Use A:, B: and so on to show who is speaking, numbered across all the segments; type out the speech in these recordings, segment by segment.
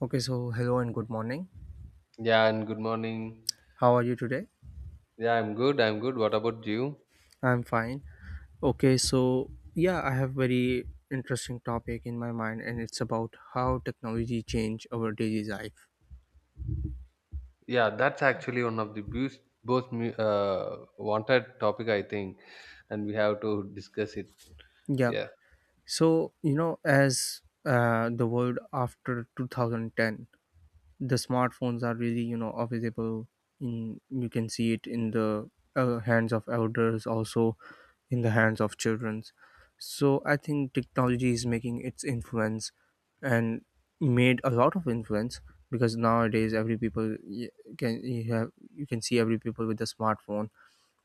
A: Okay, so hello and good morning.
B: Yeah, and good morning.
A: How are you today?
B: Yeah, I'm good. I'm good. What about you?
A: I'm fine. Okay, so yeah, I have very interesting topic in my mind and it's about how technology change our daily life.
B: Yeah, that's actually one of the wanted topic, I think, and we have to discuss it.
A: Yeah.
B: Yeah,
A: So, you know, as the world after 2010, the smartphones are really available, in you can see it in the hands of elders, also in the hands of children. So I think technology is making its influence and made a lot of influence, because nowadays every people y- can you have you can see every people with a smartphone,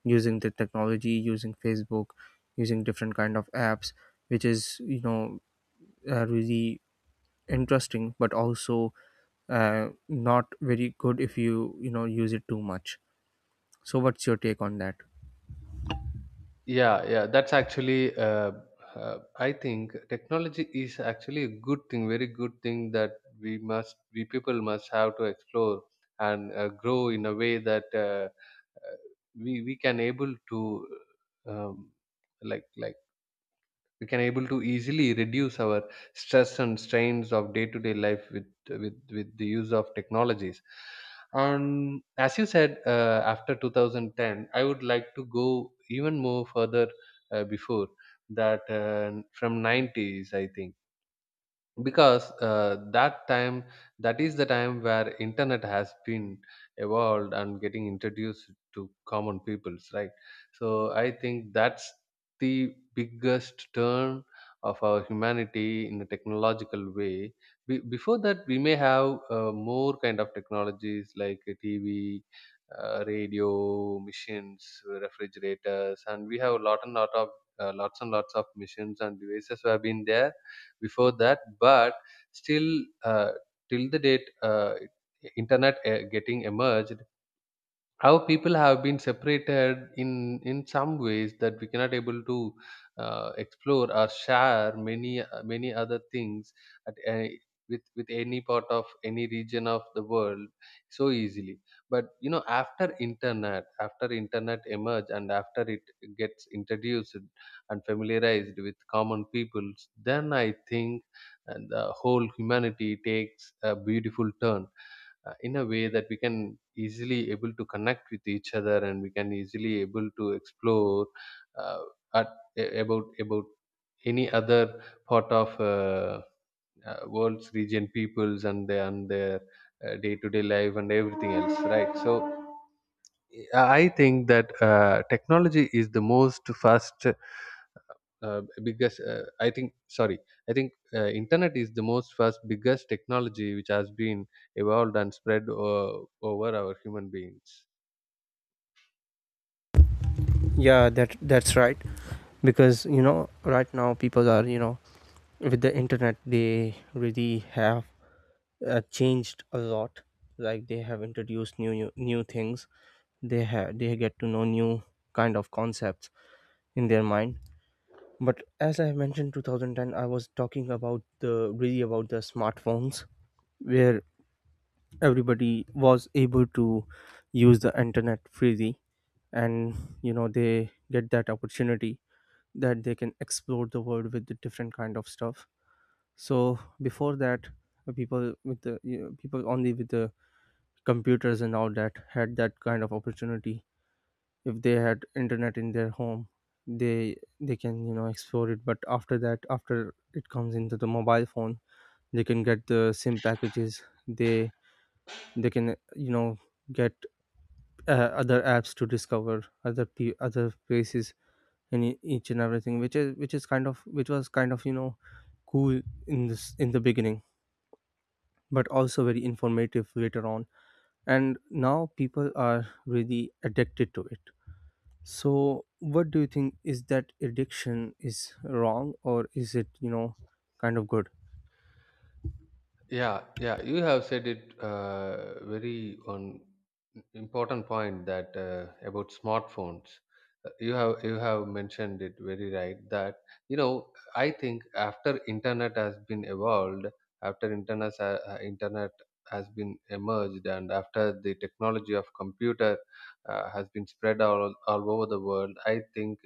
A: using the technology, using Facebook, using different kind of apps, which is really interesting, but also not very good if you you know use it too much. So what's your take on that?
B: yeah, yeah. That's actually, I think, technology is actually a good thing, very good thing that we people must have to explore and grow in a way that uh, we can able to um, like like. we can able to easily reduce our stress and strains of day to day life with the use of technologies, and as you said after 2010, I would like to go even more further, before that, from 90s, I think, because that is the time where internet has been evolved and getting introduced to common peoples, right. So I think that's the biggest turn of our humanity in a technological way. Before that, we may have more kind of technologies like a TV, radio machines, refrigerators, and we have a lot and lot of lots and lots of machines and devices have been there before that, but still, uh, till the date, internet getting emerged, how people have been separated in in some ways that we cannot able to explore or share many other things at a, with any part of any region of the world so easily. But after internet emerge, and after it gets introduced and familiarized with common peoples, then I think, the whole humanity takes a beautiful turn, in a way that we can easily able to connect with each other, and we can easily able to explore, uh, at, a- about any other part of world's region peoples, and their day-to-day life and everything else, right. So I think that, technology is the most fast, biggest, I think. Sorry, I think internet is the most first biggest technology which has been evolved and spread, over our human beings.
A: Yeah, that's right. Because right now people are, with the internet, they really have changed a lot. Like, they have introduced new things. They get to know new kind of concepts in their mind. But as I mentioned, 2010, I was talking about the, really, about the smartphones, where everybody was able to use the internet freely, and they get that opportunity that they can explore the world with the different kind of stuff. So before that, people only with the computers and all that had that kind of opportunity. If they had internet in their home, they they can explore it. But after that, after it comes into the mobile phone, they can get the sim packages. They can get other apps to discover other places. And each and everything, which is which was kind of, cool in the beginning, but also very informative later on. And now people are really addicted to it. So what do you think? Is that addiction is wrong, or is it, kind of good?
B: Yeah, yeah, you have said it, very on important point, that about smartphones. You have mentioned it very right, that I think after internet has been evolved, internet has been emerged, and after the technology of computer has been spread all over the world, I think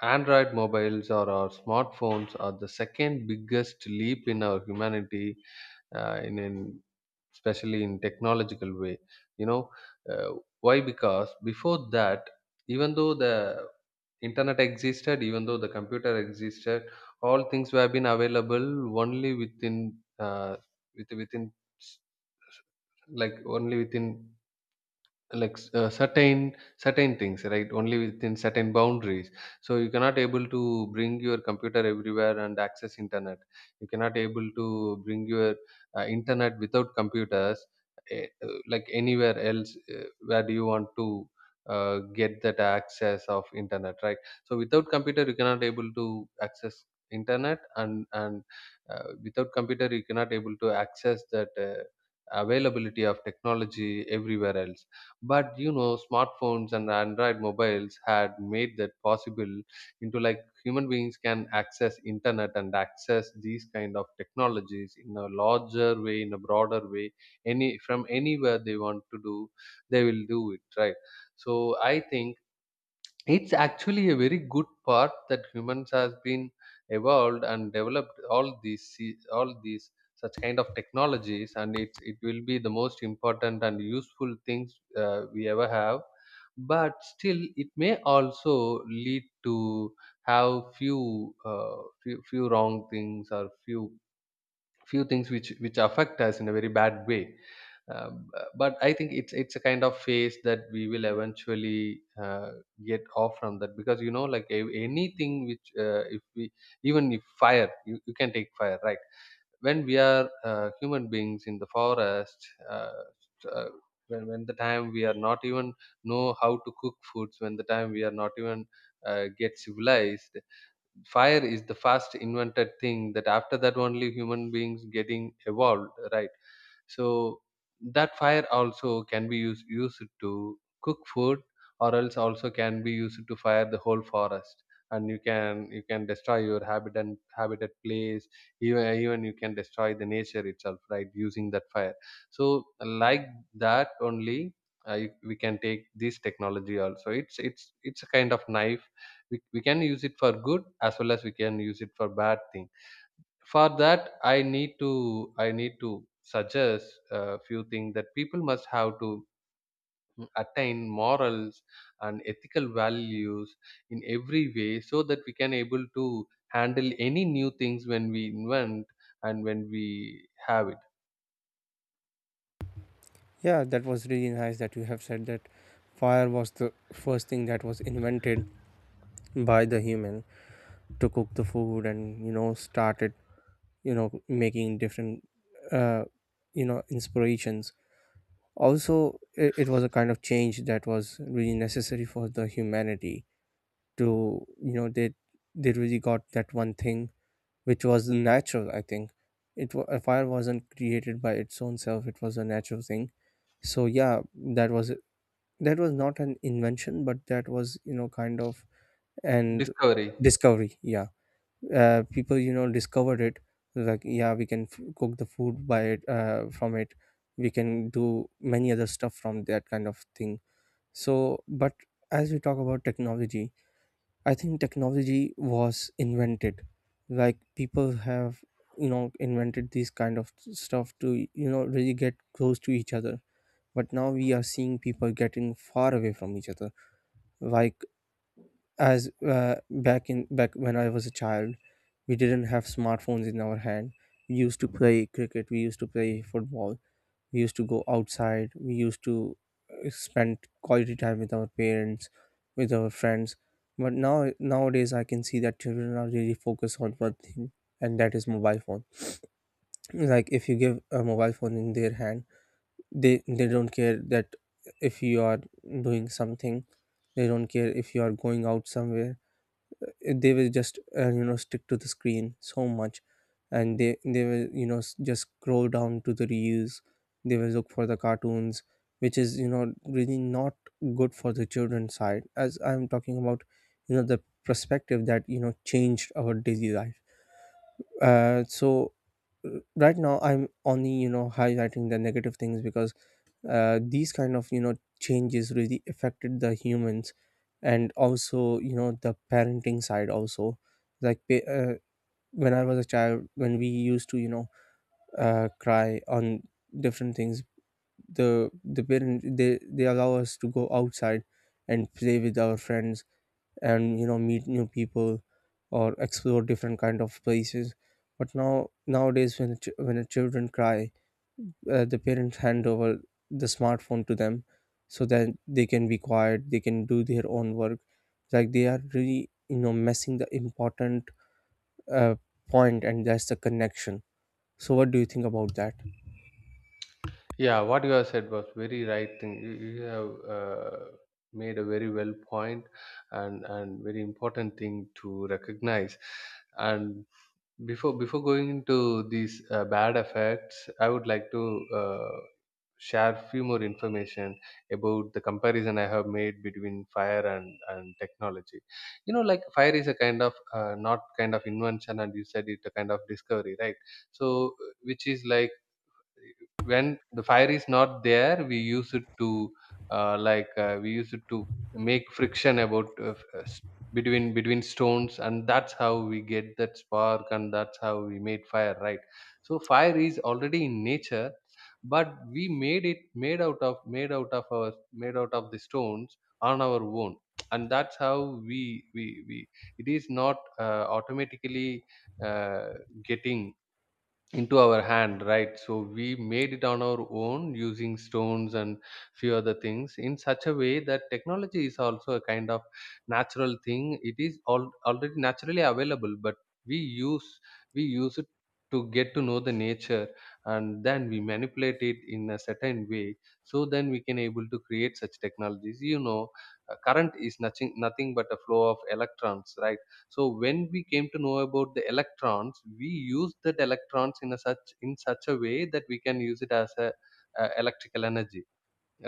B: Android mobiles or our smartphones are the second biggest leap in our humanity, in an especially in technological way. you know uh, why? Because before that, even though the internet existed, even though the computer existed, all things were been available only within, with, within s- like only within, certain things, right, only within certain boundaries. So you cannot able to bring your computer everywhere and access internet. You cannot able to bring your, internet without computers, like anywhere else, where do you want to get that access of internet, right. So without computer you cannot able to access internet, and without computer you cannot able to access that, availability of technology everywhere else. But smartphones and Android mobiles had made that possible into, like, human beings can access internet and access these kind of technologies in a larger way, in a broader way, any from anywhere they want to do, they will do it, right? So I think it's actually a very good part that humans has been evolved and developed all these such kind of technologies, and it will be the most important and useful things we ever have. But still, it may also lead to have few, few wrong things or few things which affect us in a very bad way. But I think it's a kind of phase that we will eventually uh, get off from that, because you know, like, anything which, if we, even if fire you, you can take fire, right? When we are human beings in the forest, uh, uh, when the time we are not even know how to cook foods, when the time we are not even get civilized, fire is the first invented thing, that after that only human beings getting evolved, right? So that fire also can be used to cook food, or else also can be used to fire the whole forest, and you can destroy your habitat, place, even you can destroy the nature itself, right, using that fire. So like that only, we can take this technology also. It's a kind of knife, we can use it for good as well as we can use it for bad thing. For that, I need to suggest a few things that people must have to attain morals and ethical values in every way, so that we can able to handle any new things when we invent and when we have it.
A: Yeah, that was really nice that you have said that fire was the first thing that was invented by the human to cook the food, and started making different uh, inspirations. Also, it was a kind of change that was really necessary for the humanity. To you know They really got that one thing which was natural. I think it, a fire wasn't created by its own self, it was a natural thing. So yeah, that was that was not an invention, but that was, kind of. And
B: Discovery.
A: discovery. Yeah. People discovered it. Like, yeah, we can cook the food by it, from it. We can do many other stuff from that kind of thing. So but, as we talk about technology, I think technology was invented, like people have invented these kind of stuff to you know really get close to each other. But now we are seeing people getting far away from each other. Like, as back when I was a child, we didn't have smartphones in our hand. We used to play cricket, we used to play football, we used to go outside, we used to spend quality time with our parents, with our friends. But now, nowadays, I can see that children are really focused on one thing, and that is mobile phone. Like, if you give a mobile phone in their hand, they don't care that. If you are doing something, they don't care. If you are going out somewhere, they will just, stick to the screen so much. And they will, just scroll down to the reels. They will look for the cartoons, which is really not good for the children's side, as I'm talking about, the perspective that changed our daily life. So, right now I'm only highlighting the negative things, because these kind of, changes really affected the humans. And also, the parenting side also. Like, when I was a child, when we used to, cry on different things, the parent, they allow us to go outside and play with our friends, and meet new people or explore different kind of places. But now, nowadays, when when the children cry, the parents hand over the smartphone to them, so that they can be quiet, they can do their own work. Like, they are really messing the important uh, point, and that's the connection. So what do you think about that?
B: Yeah, what you have said was very right thing. You have made a very well point, and very important thing to recognize, and before going into these bad effects, I would like to share few more information about the comparison I have made between fire and technology. You know, like fire is a kind of, not kind of invention, and you said it a kind of discovery, right? So, which is like, when the fire is not there we use it to, we use it to make friction about, between stones, and that's how we get that spark, and that's how we made fire, right. So fire is already in nature, but we made it, made out of the stones on our own, and that's how we we it is not automatically uh, getting into our hand, right. So we made it on our own using stones and few other things, in such a way that technology is also a kind of natural thing. It is all already naturally available, but we use we use it to get to know the nature, and then we manipulate it in a certain way, so then we can able to create such technologies, you know. Current is nothing but a flow of electrons, right? So when we came to know about the electrons, we use that electrons in a such, in such a way that we can use it as a electrical energy.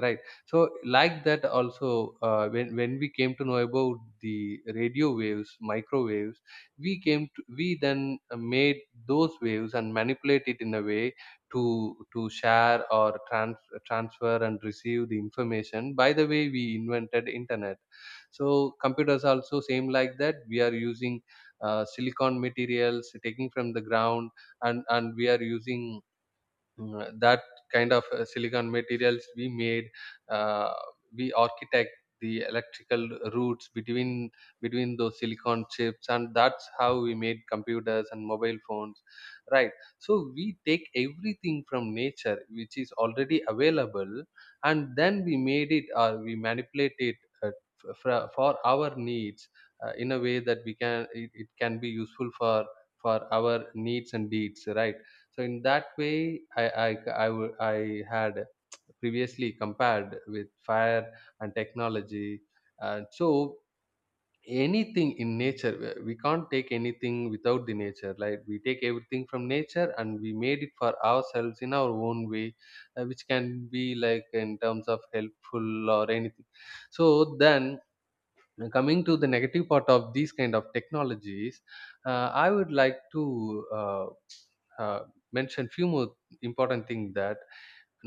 B: Right. So like that also, when we came to know about the radio waves, microwaves, we came to, we then made those waves and manipulate it in a way, to share or transfer and receive the information. By the way, we invented internet. So computers also same like that. We are using silicon materials taking from the ground, and we are using, that kind of silicon materials, we made uh, we architect the electrical routes between those silicon chips, and that's how we made computers and mobile phones, right. So we take everything from nature which is already available, and then we made it or we manipulate it, for our needs, in a way that we can, it can be useful for our needs and deeds, right. So in that way, I I had previously compared with fire and technology. And so anything in nature, we can't take anything without the nature. Like we take everything from nature and we made it for ourselves in our own way, which can be, like, in terms of helpful or anything. So then, coming to the negative part of these kind of technologies, I would like to. Uh, uh, mention few more important thing that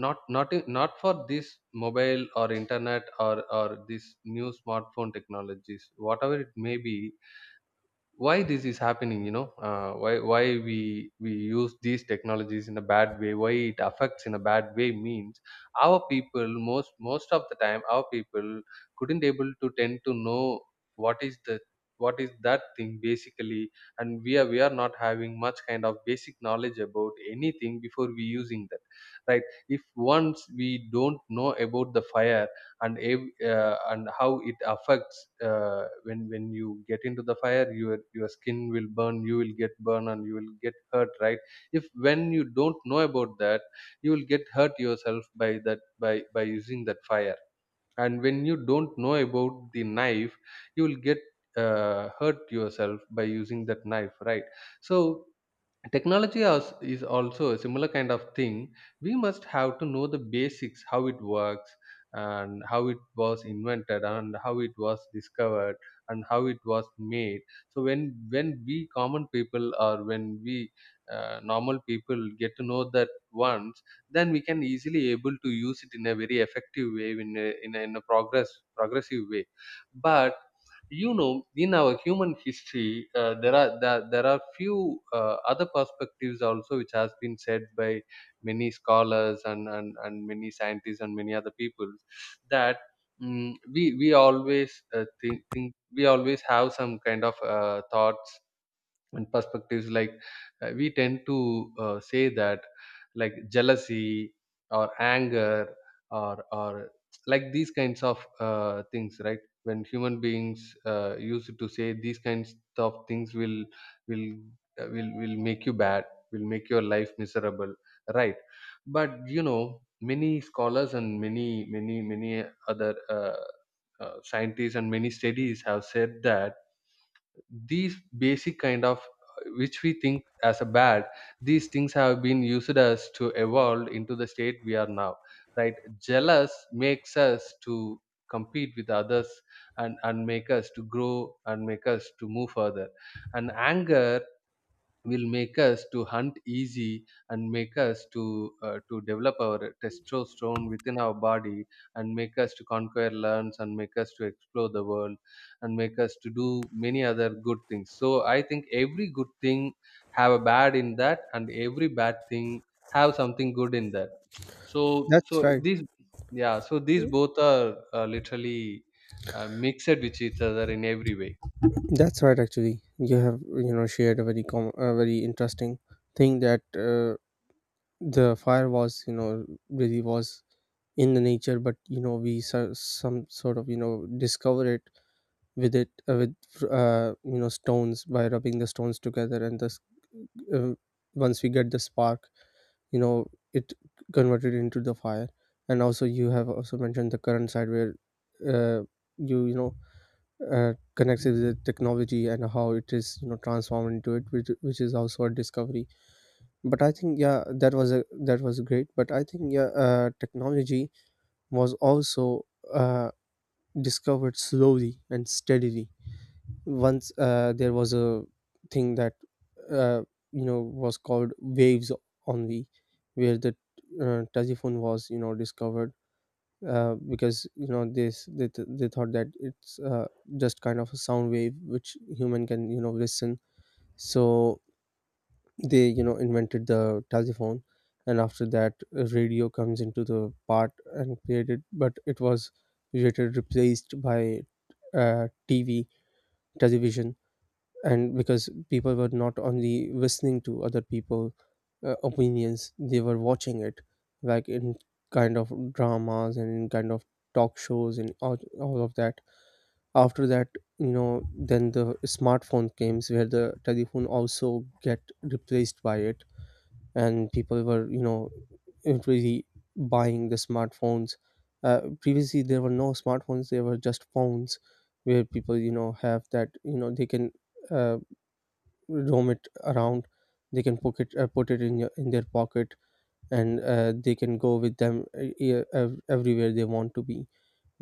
B: not for this mobile or internet or this new smartphone technologies whatever it may be. Why this is happening? You know, why we use these technologies in a bad way, why it affects in a bad way means our people, most of the time our people couldn't able to tend to know what is the what is that thing basically, and we are not having much kind of basic knowledge about anything before we using that, right? If once we don't know about the fire and and how it affects, when you get into the fire, your skin will burn, you will get burned, and you will get hurt, right? If when you don't know about that, you will get hurt yourself by that, by using that fire. And when you don't know about the knife, you will get hurt yourself by using that knife, right? So technology is also a similar kind of thing. We must have to know the basics: how it works, and how it was invented, and how it was discovered, and how it was made. So when we common people, or when we normal people, get to know that once, then we can easily able to use it in a very effective way, in a progressive way. But you know, in our human history, there are few other perspectives also which has been said by many scholars, and many scientists and many other people, that we always think, we always have some kind of thoughts and perspectives, like we tend to say that, like jealousy or anger or like these kinds of things, right? When human beings used to say these kinds of things, will will will make you bad, will make your life miserable, right? But you know, many scholars and many many other scientists and many studies have said that these basic kind of, which we think as a bad, these things have been used as to evolve into the state we are now, right? Jealous makes us to compete with others, and make us to grow and make us to move further. And anger will make us to hunt easy and make us to develop our testosterone within our body, and make us to conquer lands, and make us to explore the world, and make us to do many other good things. So I think every good thing have a bad in that, and every bad thing have something good in that. So
A: That's
B: so
A: right.
B: these yeah, so these both are literally mixed with each other in every way.
A: That's right. Actually, you have shared a very interesting thing. That, the fire was, really was in the nature, but we, some sort of, discover it with it, with, stones, by rubbing the stones together. And thus, uh, once we get the spark, you know it converted into the fire. And also, you have also mentioned the current side, where uh, you you know connects it with the technology and how it is transformed into it, which is also a discovery. But I think, yeah, that was a, that was great. But I think, yeah, technology was also uh, discovered slowly and steadily. Once, there was a thing that, uh, was called waves only, where the telephone was discovered, because this, they thought that it's just kind of a sound wave which human can listen. So they invented the telephone. And after that, radio comes into the part and created, but it was later replaced by TV, television. And because people were not only listening to other people opinions, they were watching it, like in kind of dramas and in kind of talk shows and all of that. After that, then the smartphone came, where the telephone also get replaced by it. And people were really buying the smartphones. Previously there were no smartphones, there were just phones, where people, have that, they can, uh, roam it around. They can pocket put it in your in their pocket. And they can go with them, everywhere they want to be.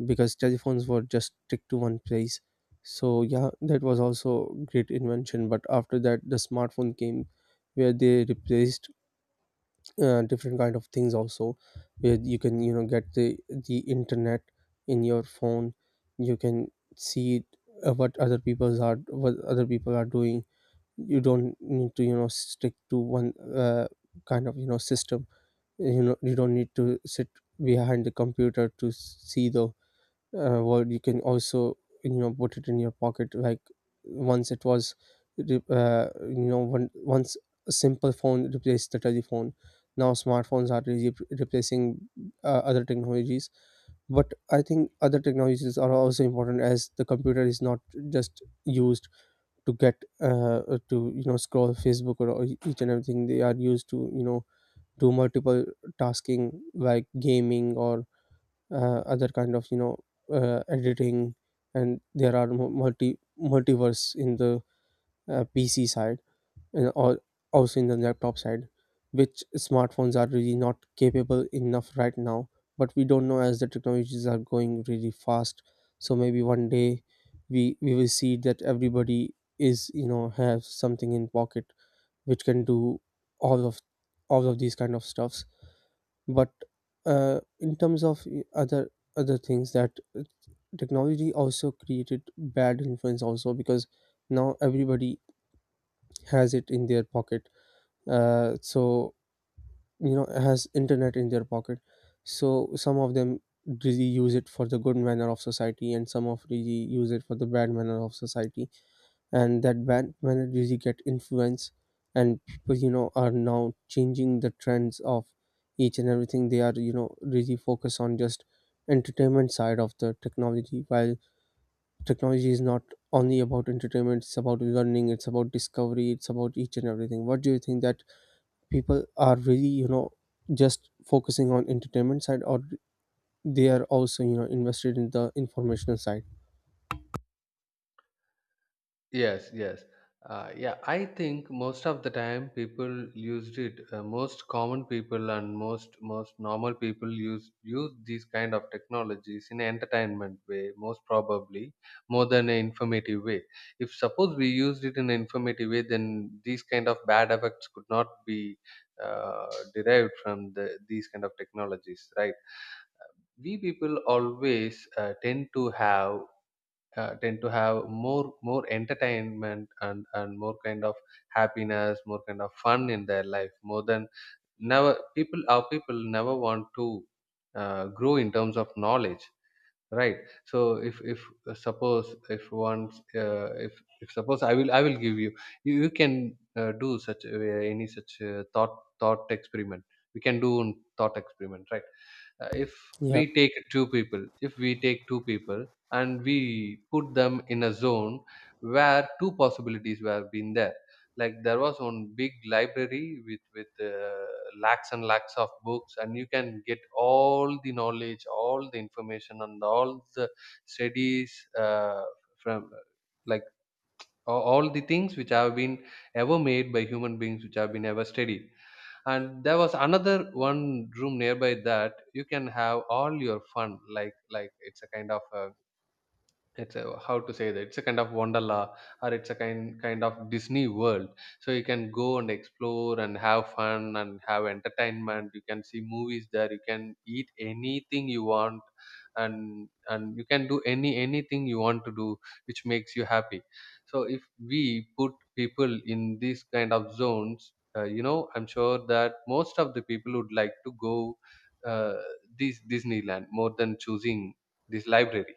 A: Because telephones were just stick to one place. So yeah, that was also great invention. But after that the smartphone came, where they replaced different kind of things also, where you can get the internet in your phone. You can see uh, what other people's are what other people are doing. You don't need to stick to one, kind of, system. You don't need to sit behind the computer to see the world. You can also put it in your pocket. Like, once it was re- you know one, once a simple phone replaced the telephone. Now smartphones are replacing other technologies. But I think other technologies are also important, as the computer is not just used to get to you know scroll Facebook or each and everything. They are used to do multiple tasking, like gaming or other kind of editing. And there are multiverse in the PC side, and also in the laptop side, which smartphones are really not capable enough right now. But we don't know, as the technologies are going really fast. So maybe one day we will see that everybody is, have something in pocket which can do all of all of these kind of stuffs. But in terms of other things, that technology also created bad influence also. Because now everybody has it in their pocket, so, has internet in their pocket. So some of them really use it for the good manner of society, and some of really use it for the bad manner of society. And that bad manner really get influence, and people, are now changing the trends of each and everything. They are, really focus on just entertainment side of the technology, while technology is not only about entertainment, it's about learning, it's about discovery, it's about each and everything. What do you think, that people are really, just focusing on entertainment side, or they are also, invested in the informational side?
B: Yes, yes. Yeah, I think most of the time people used it. Most common people and most normal people use these kind of technologies in entertainment way, most probably more than an informative way. If suppose we used it in an informative way, then these kind of bad effects could not be uh, derived from the these kind of technologies, right? We people always tend to have more entertainment and more kind of happiness, more kind of fun in their life, more than never. People, our people, never want to grow in terms of knowledge, right? So if suppose if once if suppose I will, I will give you, you can do such any such thought, thought experiment. We can do thought experiment, right? If
A: Yeah,
B: we take two people if we take two people and we put them in a zone where two possibilities were been there. Like there was one big library with lakhs and lakhs of books, and you can get all the knowledge, all the information, and all the studies uh, from like all the things which have been ever made by human beings, which have been ever studied. And there was another one room nearby that you can have all your fun, like it's a kind of a, it's a, how to say that, it's a kind of wonderla, or it's a kind of Disney world. So you can go and explore and have fun and have entertainment, you can see movies there, you can eat anything you want, and you can do anything you want to do, which makes you happy. So if we put people in these kind of zones, you know, I'm sure that most of the people would like to go uh, this Disneyland more than choosing this library.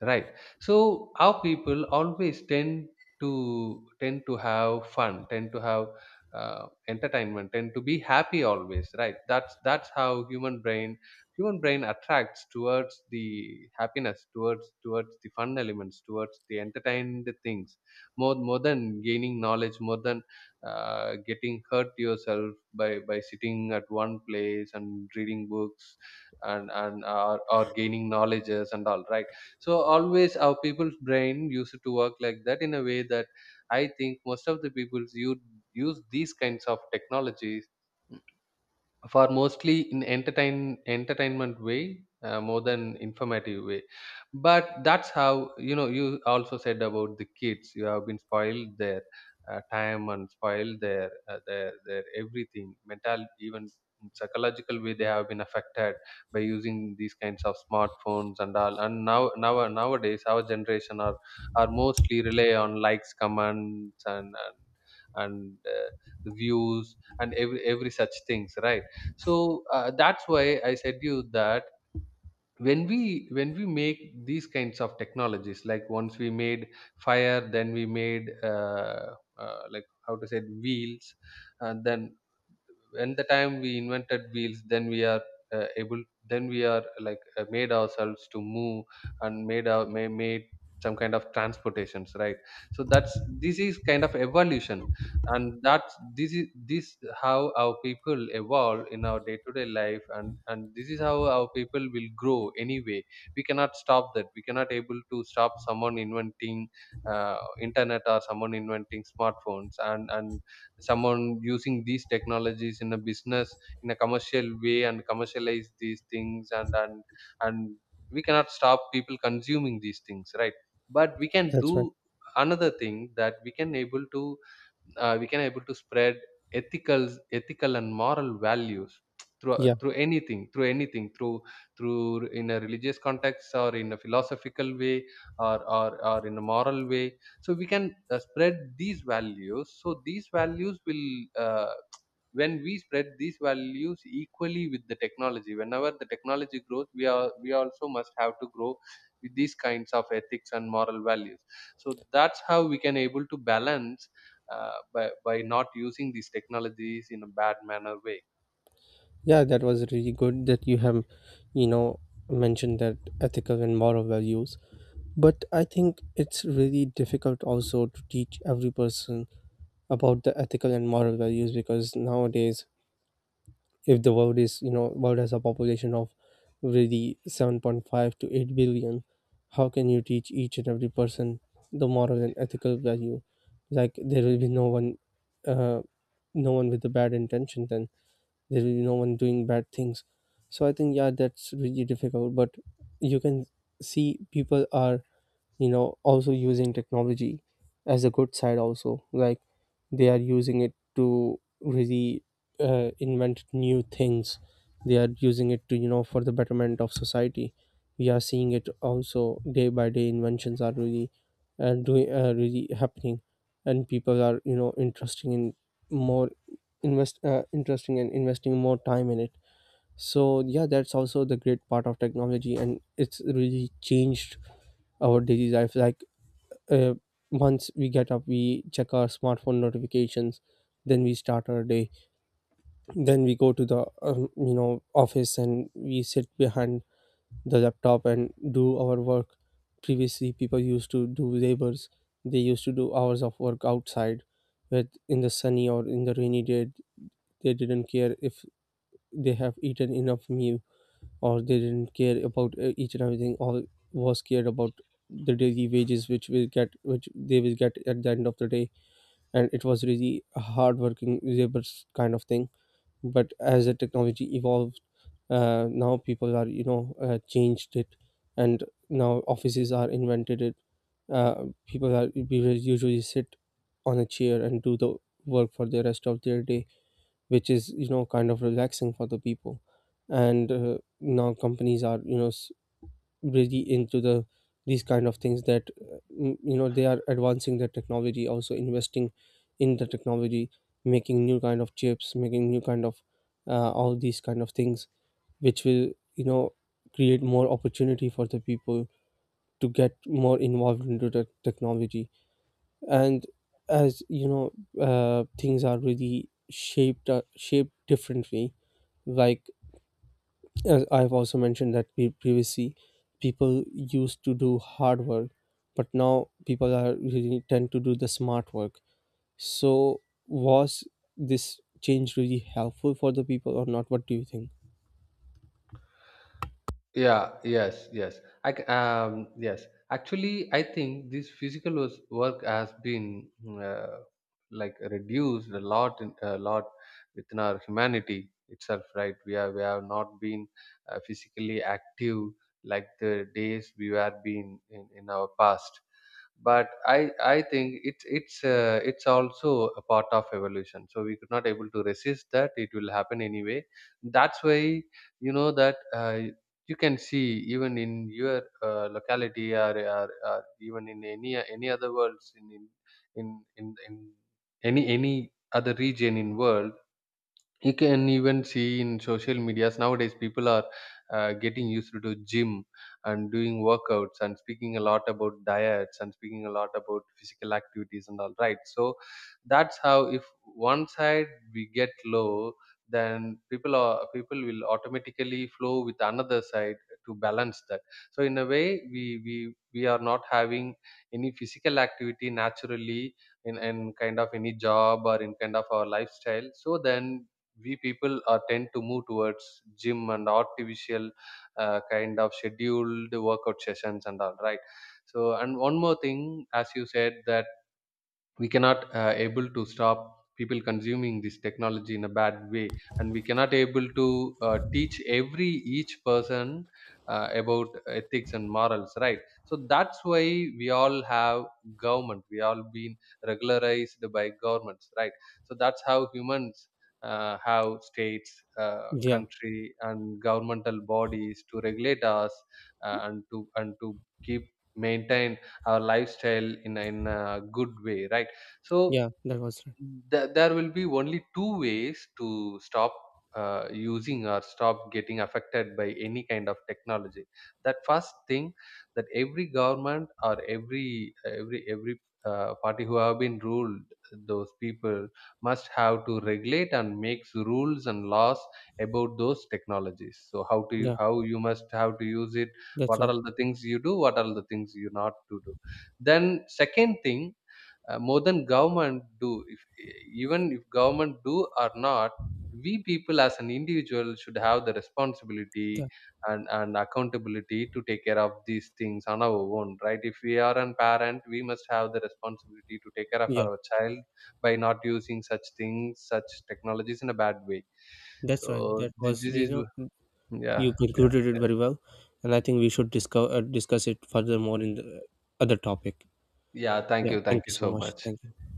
B: Right. So our people always tend to have fun, tend to have entertainment, tend to be happy always. Right. That's how human brain, human brain, attracts towards the happiness, towards the fun elements, towards the entertained things, more than gaining knowledge, more than getting hurt yourself by sitting at one place and reading books, and or gaining knowledges and all. Right. So always our people's brain used to work like that, in a way that I think most of the people use, use these kinds of technologies for, mostly, in entertainment way, more than informative way. But that's how, you know, you also said about the kids, you have been spoiled their time, and spoiled their their everything mental, even in psychological way they have been affected by using these kinds of smartphones and all. And nowadays our generation are mostly rely on likes, comments, and the views and every such things, right? So that's why I said you that, when we, when we make these kinds of technologies, like once we made fire, then we made like, how to say it, wheels. And then, when the time we invented wheels, then we are able then we are like made ourselves to move, and made our made some kind of transportations, right? So that's this is kind of evolution, and that's this is this how our people evolve in our day-to-day life. And this is how our people will grow anyway. We cannot stop that, we cannot able to stop someone inventing internet, or someone inventing smartphones, and someone using these technologies in a business, in a commercial way, and commercialize these things, and we cannot stop people consuming these things, right? But we can do
A: that's right.
B: another thing, that we can able to we can able to spread ethical and moral values through
A: Yeah,
B: through anything, through anything, through, in a religious context, or in a philosophical way, or in a moral way. So we can spread these values, so these values will uh, when we spread these values equally with the technology, whenever the technology grows, we are, we also must have to grow with these kinds of ethics and moral values. So that's how we can able to balance, by not using these technologies in a bad manner way.
A: yeah, that was really good that you have you know mentioned that ethical and moral values. But I think it's really difficult also to teach every person about the ethical and moral values, because nowadays, if the world is you know world has a population of really 7.5 to 8 billion, how can you teach each and every person the moral and ethical value? Like, there will be no one, uh, with the bad intention. Then there will be no one doing bad things. So I think, yeah, that's really difficult. But you can see people are, also using technology as a good side also. Like, they are using it to really invent new things. They are using it to you know for the betterment of society. We are seeing it also day by day. Inventions are really doing really happening, and people are, interesting in more, invest interesting and investing more time in it. So yeah, that's also the great part of technology, and it's really changed our daily life. Like, uh, once we get up, we check our smartphone notifications, then we start our day. Then we go to the office and we sit behind the laptop and do our work. Previously people used to do labors, they used to do hours of work outside. But in the sunny or in the rainy day, they didn't care if they have eaten enough meal, or they didn't care about each and everything. All was cared about the daily wages, which they will get at the end of the day. And it was really a hardworking labors kind of thing. But as the technology evolved, now people are, changed it, and now offices are invented it. People are We will usually sit on a chair and do the work for the rest of their day, which is, kind of relaxing for the people. And now companies are, really into these kind of things, that they are advancing their technology, also investing in the technology, making new kind of chips, making new kind of, all these kind of things, which will create more opportunity for the people to get more involved into the technology. And as things are really shaped differently. Like, as I've also mentioned that, previously people used to do hard work, but now people are really tend to do the smart work. So, was this change really helpful for the people or not? What do you think?
B: Yeah, yes, yes, I yes, actually, I think this physical work has been like, reduced a lot, a lot within our humanity itself, right? We are, we have not been physically active like the days we were being in our past. But I think it's, it's also a part of evolution, so we could not able to resist, that it will happen anyway. That's why, you know that, you can see even in your locality, or even in any other worlds, in, in any other region in world. You can even see in social medias, nowadays people are getting used to gym and doing workouts and speaking a lot about diets and speaking a lot about physical activities and all, right? So that's how if one side we get low, then people are, people will automatically flow with another side to balance that. So in a way, we we are not having any physical activity naturally in kind of any job, or in kind of our lifestyle. So then we people are tend to move towards gym and artificial kind of scheduled workout sessions and all, right? So, and one more thing, as you said that we cannot able to stop people consuming this technology in a bad way, and we cannot able to teach every, each person about ethics and morals, right? So that's why we all have government, we all been regularized by governments, right? So that's how humans have states,
A: Yeah,
B: country and governmental bodies to regulate us, and to keep, maintain our lifestyle in a good way, right? So
A: yeah, that was right.
B: there will be only two ways to stop using, or stop getting affected by any kind of technology. That, first thing, that every government, or every party who have been ruled, those people must have to regulate and makes rules and laws about those technologies. So how to,
A: Yeah,
B: how you must have to use it,
A: that's
B: what are
A: right.
B: all the things you do, what are all the things you not to do. Then, second thing, more than government do, if even if government do or not, we people as an individual should have the responsibility
A: Yeah,
B: and accountability to take care of these things on our own, right? If we are a parent, we must have the responsibility to take care of
A: yeah,
B: our child by not using such things, such technologies in a bad way.
A: that's right.
B: So
A: That
B: thi-
A: was
B: this
A: you
B: is
A: know
B: yeah,
A: you concluded
B: yeah,
A: it very well, and I think we should discuss, discuss it furthermore in the other topic.
B: yeah, thank
A: Yeah,
B: you, thank
A: thank you
B: you
A: so
B: so
A: much.
B: much.
A: Thank you.